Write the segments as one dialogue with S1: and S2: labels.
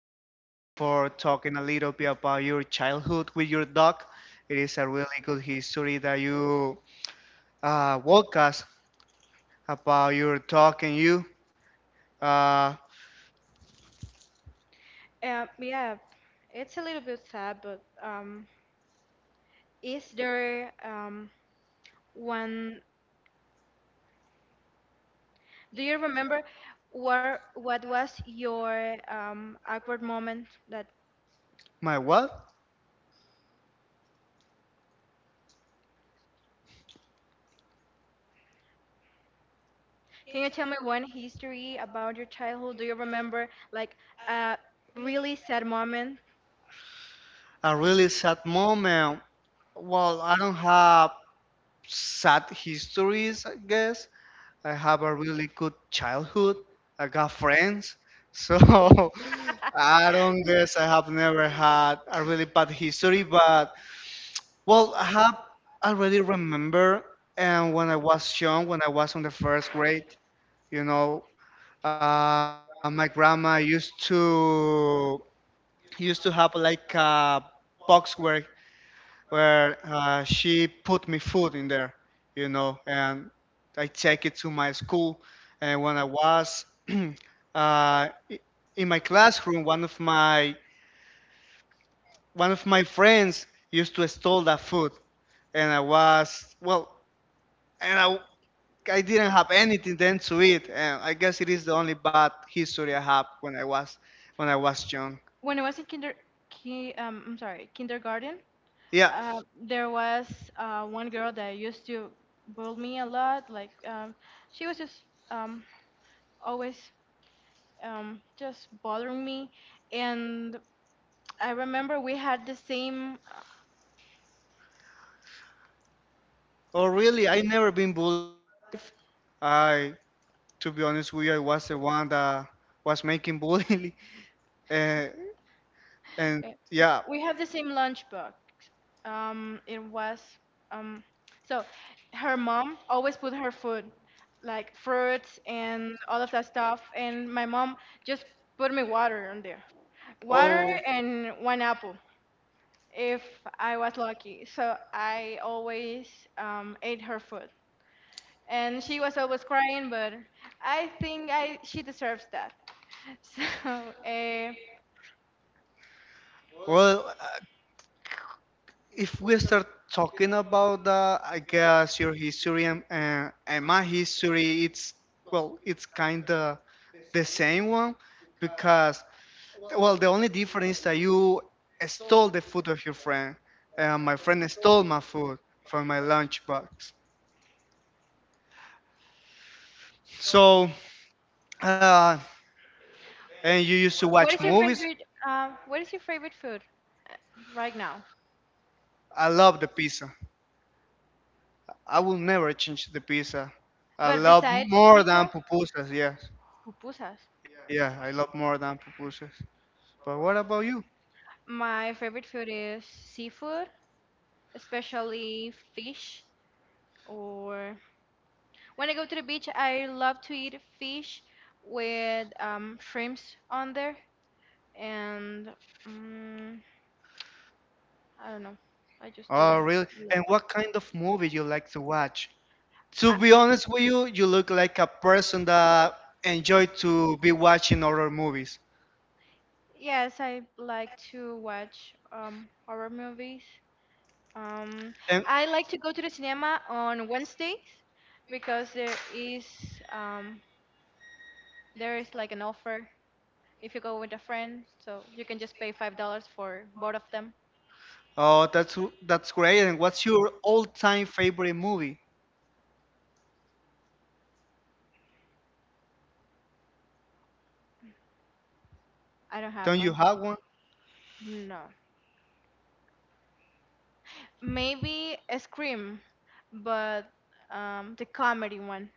S1: Eileen, for talking a little bit about your childhood with your dog. It is a really good history that you walk us about your dog and you. Uh,
S2: Yeah, it's a little bit sad, but is there one? Do you remember what was your awkward moment? That
S1: my what?
S2: can you tell me one history about your childhood? Do you remember like a really sad moment
S1: A really sad moment. Well, I don't have sad histories, I guess. I have a really good childhood. I got friends. So I don't guess I have never had a really bad history, but, well, I have already remember, and when I was young, when I was on the first grade, you know, my grandma used to have like a box where she put me food in there, and I take it to my school. And when I was i- in my classroom, one of my friends used to steal that food and I was, well, and I didn't have anything then to eat, and I guess it is the only bad history I have when I was young.
S2: when I was in I'm sorry, kindergarten.
S1: Yeah.
S2: Uh, there was one girl that used to bully me a lot. Like she was just um, always just bothering me. And I remember we had the same
S1: Oh, really? I never been bullied. I, to be honest with you, I was the one that was making bullying, uh, and
S2: uh,
S1: yeah.
S2: we had the same lunchbox. It was um, so her mom always put her food, like fruits and all of that stuff, and my mom just put me water on there, water
S1: Oh,
S2: and one apple, if I was lucky. So I always ate her food, and she was always crying, but I think I she deserves that. So uh,
S1: well, if we start talking about that, I guess your history and my history, it's kind of the same one because, well, the only difference that you stole the food of your friend, and my friend stole my food from my lunchbox. So, uh, and you used to watch
S2: what is your
S1: movies.
S2: favorite what is your favorite food uh, right now
S1: I love the pizza. I will never change the pizza. I
S2: but
S1: love
S2: besides
S1: more than
S2: pizza?
S1: pupusas. Yes,
S2: Pupusas.
S1: yeah, I love more than pupusas. But what about you?
S2: My favorite food is seafood, especially fish, or when I go to the beach, I love to eat fish with shrimps on there. And mm, I don't know. I just do
S1: Oh,
S2: that.
S1: really?
S2: No.
S1: And what kind of movie you like to watch? To be honest with you, you look like a person that enjoy to be watching horror movies.
S2: Yes, I like to watch horror movies. Um,
S1: And
S2: I like to go to the cinema on Wednesdays because there is um, like an offer if you go with a friend, so you can just pay $5 for both of them.
S1: oh, that's great. And what's your all-time favorite movie?
S2: I don't have
S1: Don't you
S2: one.
S1: have one?
S2: No. Maybe a Scream, but the comedy one.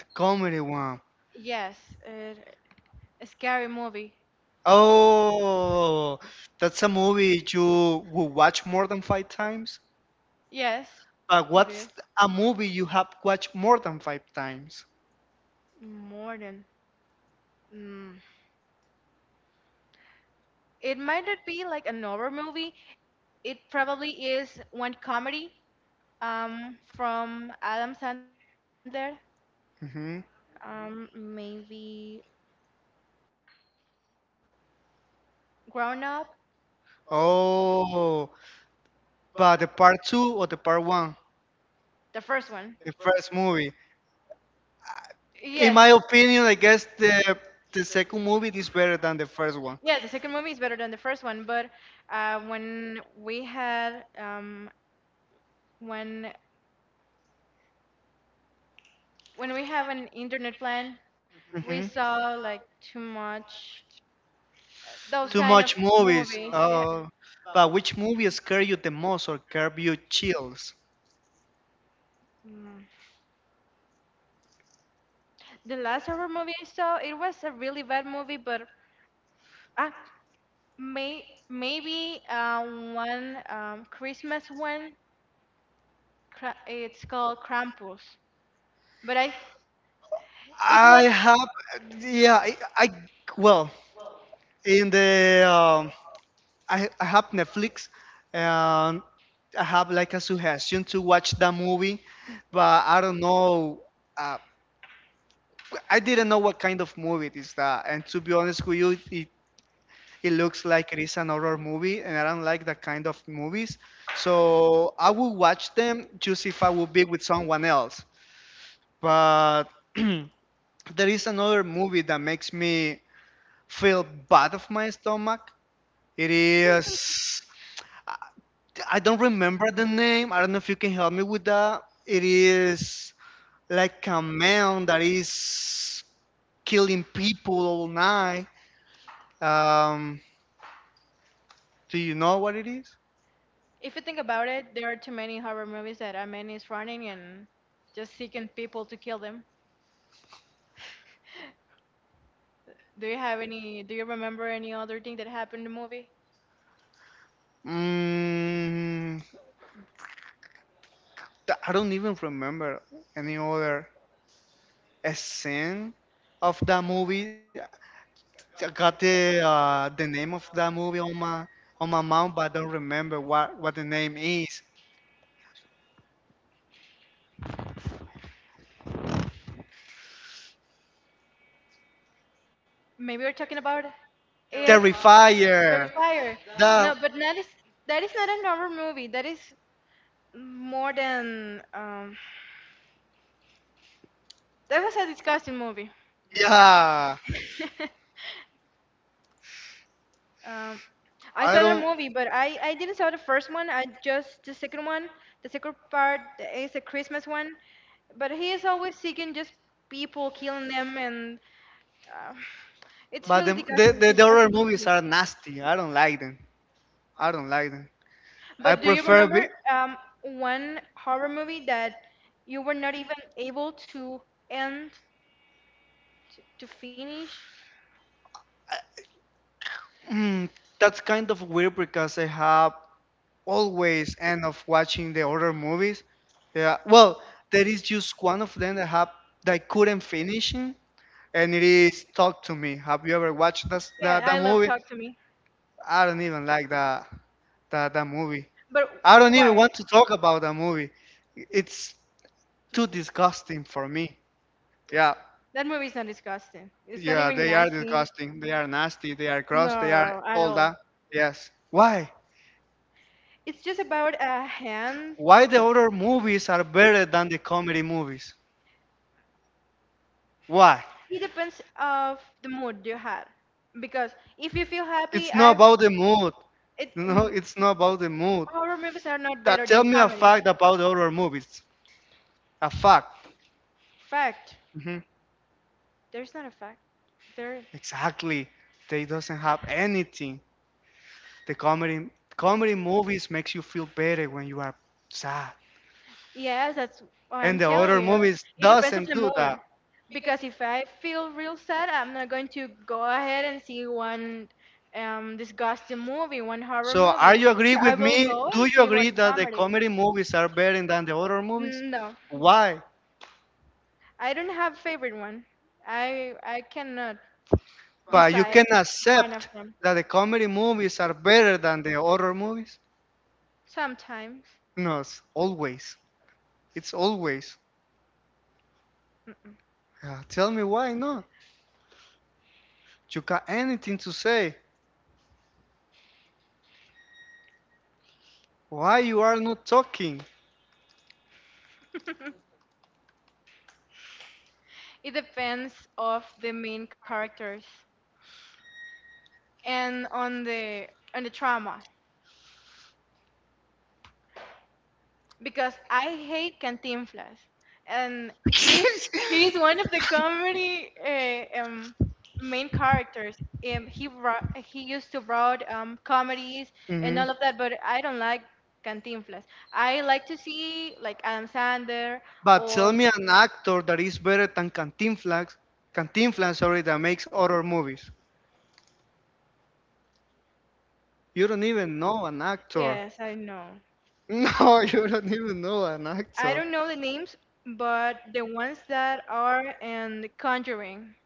S1: The comedy one.
S2: Yes, it, a scary movie.
S1: Oh, that's a movie you will watch more than five times.
S2: Yes, but
S1: But
S2: it what? Is.
S1: what's a movie you have watched more than five times?
S2: More than. Mm. It might not be like a horror movie. It probably is one comedy from Adam Sandler.
S1: Hmm.
S2: Maybe Grown Up,
S1: Oh, but the part two or the part one?
S2: the first one.
S1: The first movie. In
S2: Yes,
S1: my opinion, I guess the second movie is better than the first one.
S2: yes, the second movie is better than the first one. But when we had one when we have an internet plan,
S1: Hmm.
S2: we saw like too much those
S1: Too
S2: kind of
S1: much movies.
S2: movies. Yeah.
S1: Oh, but which movie scare you the most or curb you chills?
S2: Mm. The last horror movie I saw, it was a really bad movie, but ah, may maybe one Christmas one. It's called Krampus, but I it's
S1: I
S2: like
S1: have, yeah, I well, in the I have Netflix, and I have like a suggestion to watch that movie, but I don't know. Uh, I didn't know what kind of movie it is that, and to be honest with you, it looks like it is an horror movie, and I don't like that kind of movies. So I will watch them just if I would be with someone else. But there is another movie that makes me feel bad of my stomach. It is, I don't remember the name. I don't know if you can help me with that. It is like a man that is killing people all night. Um, do you know what it is?
S2: if you think about it, there are too many horror movies that a man is running and just seeking people to kill them. Do you have any? Do you remember any other thing that happened in the movie?
S1: Mm, I don't even remember any other scene of that movie. I got the name of that movie on my mouth, but I don't remember what the name is.
S2: Maybe we are talking about it.
S1: Terrifier.
S2: Terrifier. No,
S1: That
S2: but that is not a normal movie. That is more than. That was a disgusting movie.
S1: Yeah.
S2: um, I
S1: I
S2: saw the
S1: don't.
S2: movie, but I didn't saw the first one. I just the second one. The second part is a Christmas one. But he is always seeking just people, killing them, and uh, it's
S1: But the
S2: really
S1: the,
S2: disgusting.
S1: the, the horror
S2: Disgusting to see.
S1: movies are nasty. I don't like them. I don't like them. I
S2: But do you
S1: prefer
S2: remember
S1: be.
S2: one horror movie that you were not even able to end, to finish?
S1: Mm, that's kind of weird because I have always end up watching the other movies. Yeah, well, there is just one of them that have that I couldn't finish, it, and it is Talk to Me. Have you ever watched that
S2: Yeah,
S1: that,
S2: I
S1: that
S2: love
S1: movie?
S2: Talk to Me.
S1: I don't even like that movie.
S2: But
S1: I don't even
S2: why?
S1: want to talk about that movie. It's too disgusting for me. Yeah,
S2: That movie is not disgusting. It's not
S1: yeah,
S2: even
S1: they are
S2: nasty. It's
S1: disgusting. They are nasty. They are gross. They are
S2: no, at
S1: all
S2: all.
S1: that. Yes. Why?
S2: It's just about a hand.
S1: Why the horror movies are better than the comedy movies? Why?
S2: It depends of the mood you had. Because if you feel happy,
S1: It's
S2: I
S1: not about the mood.
S2: it.
S1: No, it's not about the mood.
S2: Horror movies are not better
S1: That, tell
S2: than
S1: me a
S2: comedies.
S1: fact about horror movies. A fact.
S2: Fact.
S1: Hmm.
S2: There's not a fact. There.
S1: Exactly. They doesn't have anything. The comedy movies makes you feel better when you are sad.
S2: Yes, that's what I'm
S1: And the
S2: telling
S1: other
S2: you.
S1: movies
S2: It depends of
S1: doesn't
S2: the
S1: do
S2: mood.
S1: that.
S2: Because if I feel real sad, I'm not going to go ahead and see one disgusting movie, one horror
S1: So
S2: movie.
S1: are you agree
S2: So I
S1: with
S2: will
S1: me?
S2: go
S1: Do
S2: and
S1: you
S2: see one
S1: agree that the
S2: comedy.
S1: comedy movies are better than the horror movies?
S2: No,
S1: Why?
S2: I don't have favorite one. I cannot
S1: But you can
S2: decide one
S1: accept
S2: of them.
S1: that the comedy movies are better than the horror movies?
S2: Sometimes.
S1: No, it's always. It's always.
S2: Mm-mm.
S1: Tell me why not? You got anything to say? Why you are not talking?
S2: It depends of the main characters and on the trauma, because I hate Cantinflas and he's one of the comedy main characters. He used to write comedies and
S1: Mhm.
S2: all of that, but I don't like Cantinflas. I like to see like Adam Sandler
S1: But
S2: or
S1: tell me an actor that is better than Cantinflas, sorry, that makes horror movies. You don't even know an actor.
S2: yes, I know.
S1: No, you don't even know an
S2: I
S1: actor.
S2: don't know the names, but the ones that are in The Conjuring,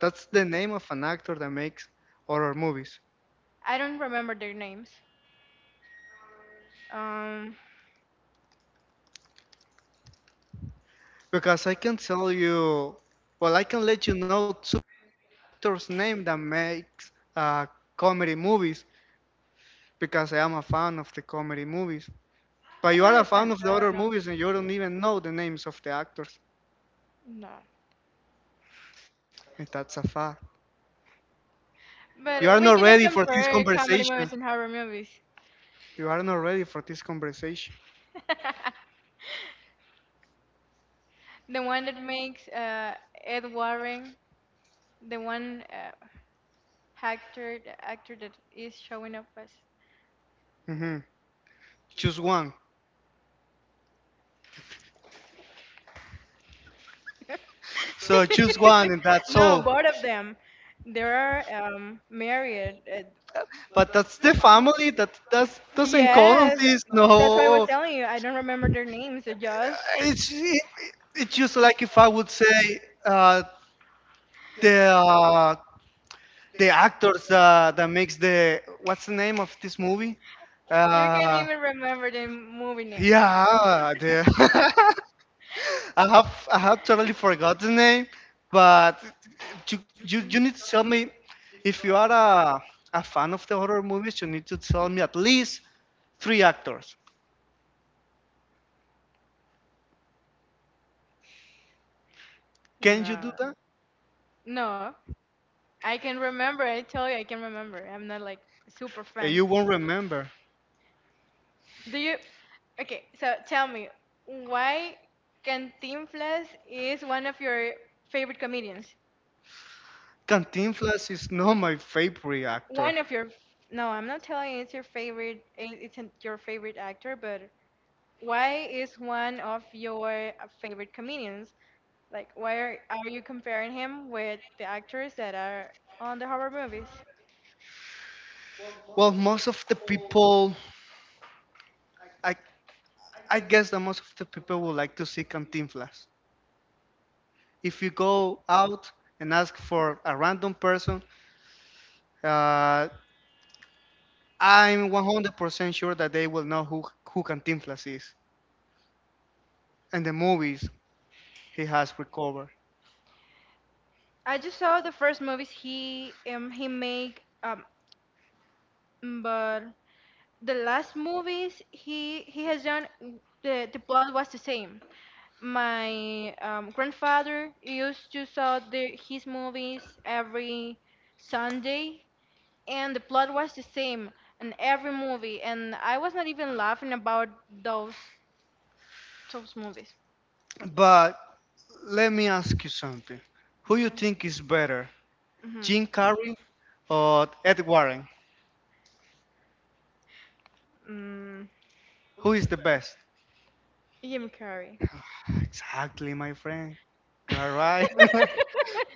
S1: That's the name of an actor that makes horror movies.
S2: I don't remember their names. Um,
S1: Because I can tell you, well, I can let you know two actors' name that makes comedy movies, because I am a fan of the comedy movies. But
S2: Not
S1: you
S2: really
S1: are
S2: a
S1: a
S2: fan,
S1: fan of
S2: so
S1: the
S2: I don't
S1: other
S2: know.
S1: movies and you don't even know the names of the actors.
S2: No,
S1: And that's a fact. You are
S2: but we
S1: not
S2: cannot
S1: ready for this
S2: compare comedy
S1: conversation.
S2: movies and horror movies.
S1: You are not ready for this conversation.
S2: The one that makes Ed Warren, the one actor that is showing up as.
S1: hmm Choose one. So choose one and that's
S2: No,
S1: all.
S2: both of them. They are married.
S1: But that's the family that that's, doesn't count on
S2: Yes,
S1: this.
S2: that's why I was
S1: No.
S2: telling you. I don't remember their names. So just
S1: It's, it, it's just like if I would say the uh, the actors that makes the what's the name of this movie?
S2: you can't
S1: Uh,
S2: even remember the movie name.
S1: yeah, the I have totally forgot the name, but you need to tell me if you are a fan of the horror movies. You need to tell me at least three actors. Can you do
S2: No,
S1: that?
S2: no. I can remember. I tell you, I can remember. I'm not like super fan.
S1: You won't remember.
S2: Do you? Okay, so tell me why Cantinflas is one of your favorite comedians?
S1: Cantinflas is not my favorite actor.
S2: One of your no, I'm not telling you it's your favorite. Your favorite actor, but why is one of your favorite comedians? Like, why are you comparing him with the actors that are on the horror movies?
S1: Well, most of the people, I I guess that most of the people would like to see Cantinflas. If you go out and ask for a random person, uh, I'm 100% sure that they will know who Cantinflas is. And the movies he has recovered.
S2: I just saw the first movies he make but the last movies he has done the plot was the same. My grandfather used to saw the his movies every Sunday and the plot was the same in every movie and I was not even laughing about those those movies, so
S1: But let me ask you something. Who you think is better,
S2: mhm.
S1: Jim Carrey or Ed Warren?
S2: Mm,
S1: Who is the best?
S2: Jim Carrey.
S1: Exactly, my friend. You are right.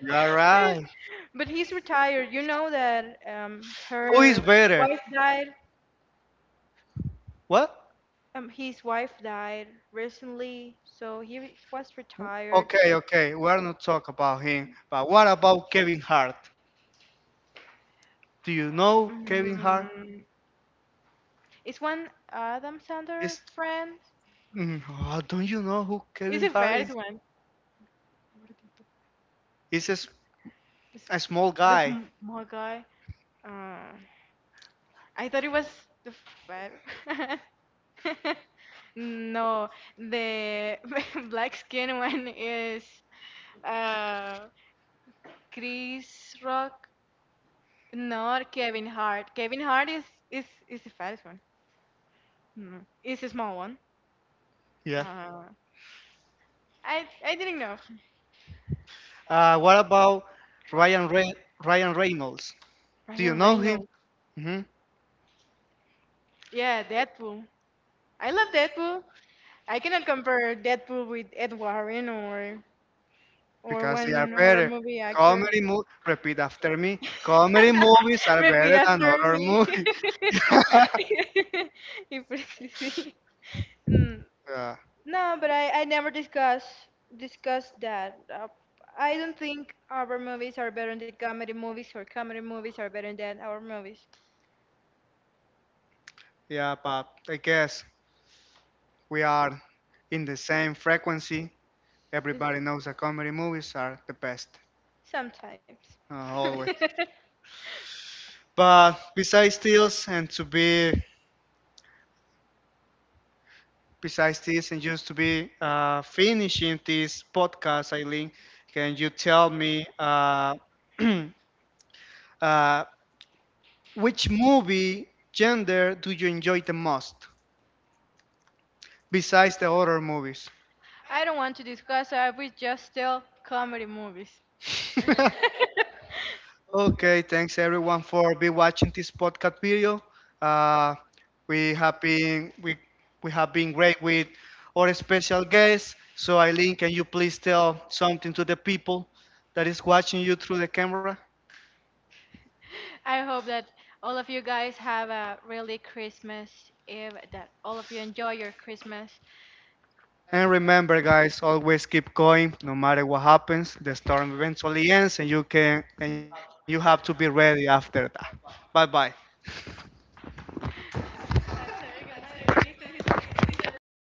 S1: You are right.
S2: But he's retired, you know that?
S1: Who is
S2: Her
S1: better?
S2: wife died
S1: What?
S2: His wife died recently, so he was retired.
S1: Okay, okay, we're not talk about him, but what about Kevin Hart? Do you know Kevin Hart?
S2: Mm, is one Adam Sandler
S1: Is
S2: friend.
S1: Oh, don't you know who
S2: It's
S1: Kevin
S2: a
S1: Hart
S2: fat
S1: is?
S2: one. Gordito.
S1: He's a, s-
S2: The,
S1: a
S2: s-
S1: small guy.
S2: the small guy. Uh, I thought it was the fat. No, the black skin one is uh Chris Rock, not Kevin Hart. Kevin Hart is the fattest one. Mm. It's a small one.
S1: Yeah.
S2: Uh, I didn't know.
S1: What about Ryan Re- Ryan Reynolds? Do you
S2: Ryan
S1: know him?
S2: Reynolds.
S1: hmm
S2: Yeah, Deadpool. I love Deadpool. I cannot compare Deadpool with Ed Warren or
S1: Because they are
S2: one horror
S1: better.
S2: movie actor.
S1: Comedy movie. Repeat after me. Comedy movies are
S2: Repeat
S1: better than
S2: after
S1: horror
S2: me.
S1: movies.
S2: If it is mm,
S1: Yeah,
S2: no, but I never discuss that. I don't think our movies are better than comedy movies or comedy movies are better than our movies.
S1: yeah, but I guess we are in the same frequency.
S2: It's
S1: Everybody knows that comedy movies are the best,
S2: sometimes.
S1: always. But besides this, and just to be finishing this podcast, Eileen, can you tell me uh, which movie gender do you enjoy the most besides the horror movies?
S2: I don't want to discuss, I will just tell comedy movies.
S1: Okay, thanks everyone for be watching this podcast video. Uh, we have been we we have been great with our special guest. So Eileen, can you please tell something to the people that is watching you through the camera?
S2: I hope that all of you guys have a really Christmas Eve, that all of you enjoy your Christmas.
S1: And remember, guys, always keep going, no matter what happens. The storm eventually ends, and you can and you have to be ready after that. Bye bye.
S2: Hacer que madre triste, dice.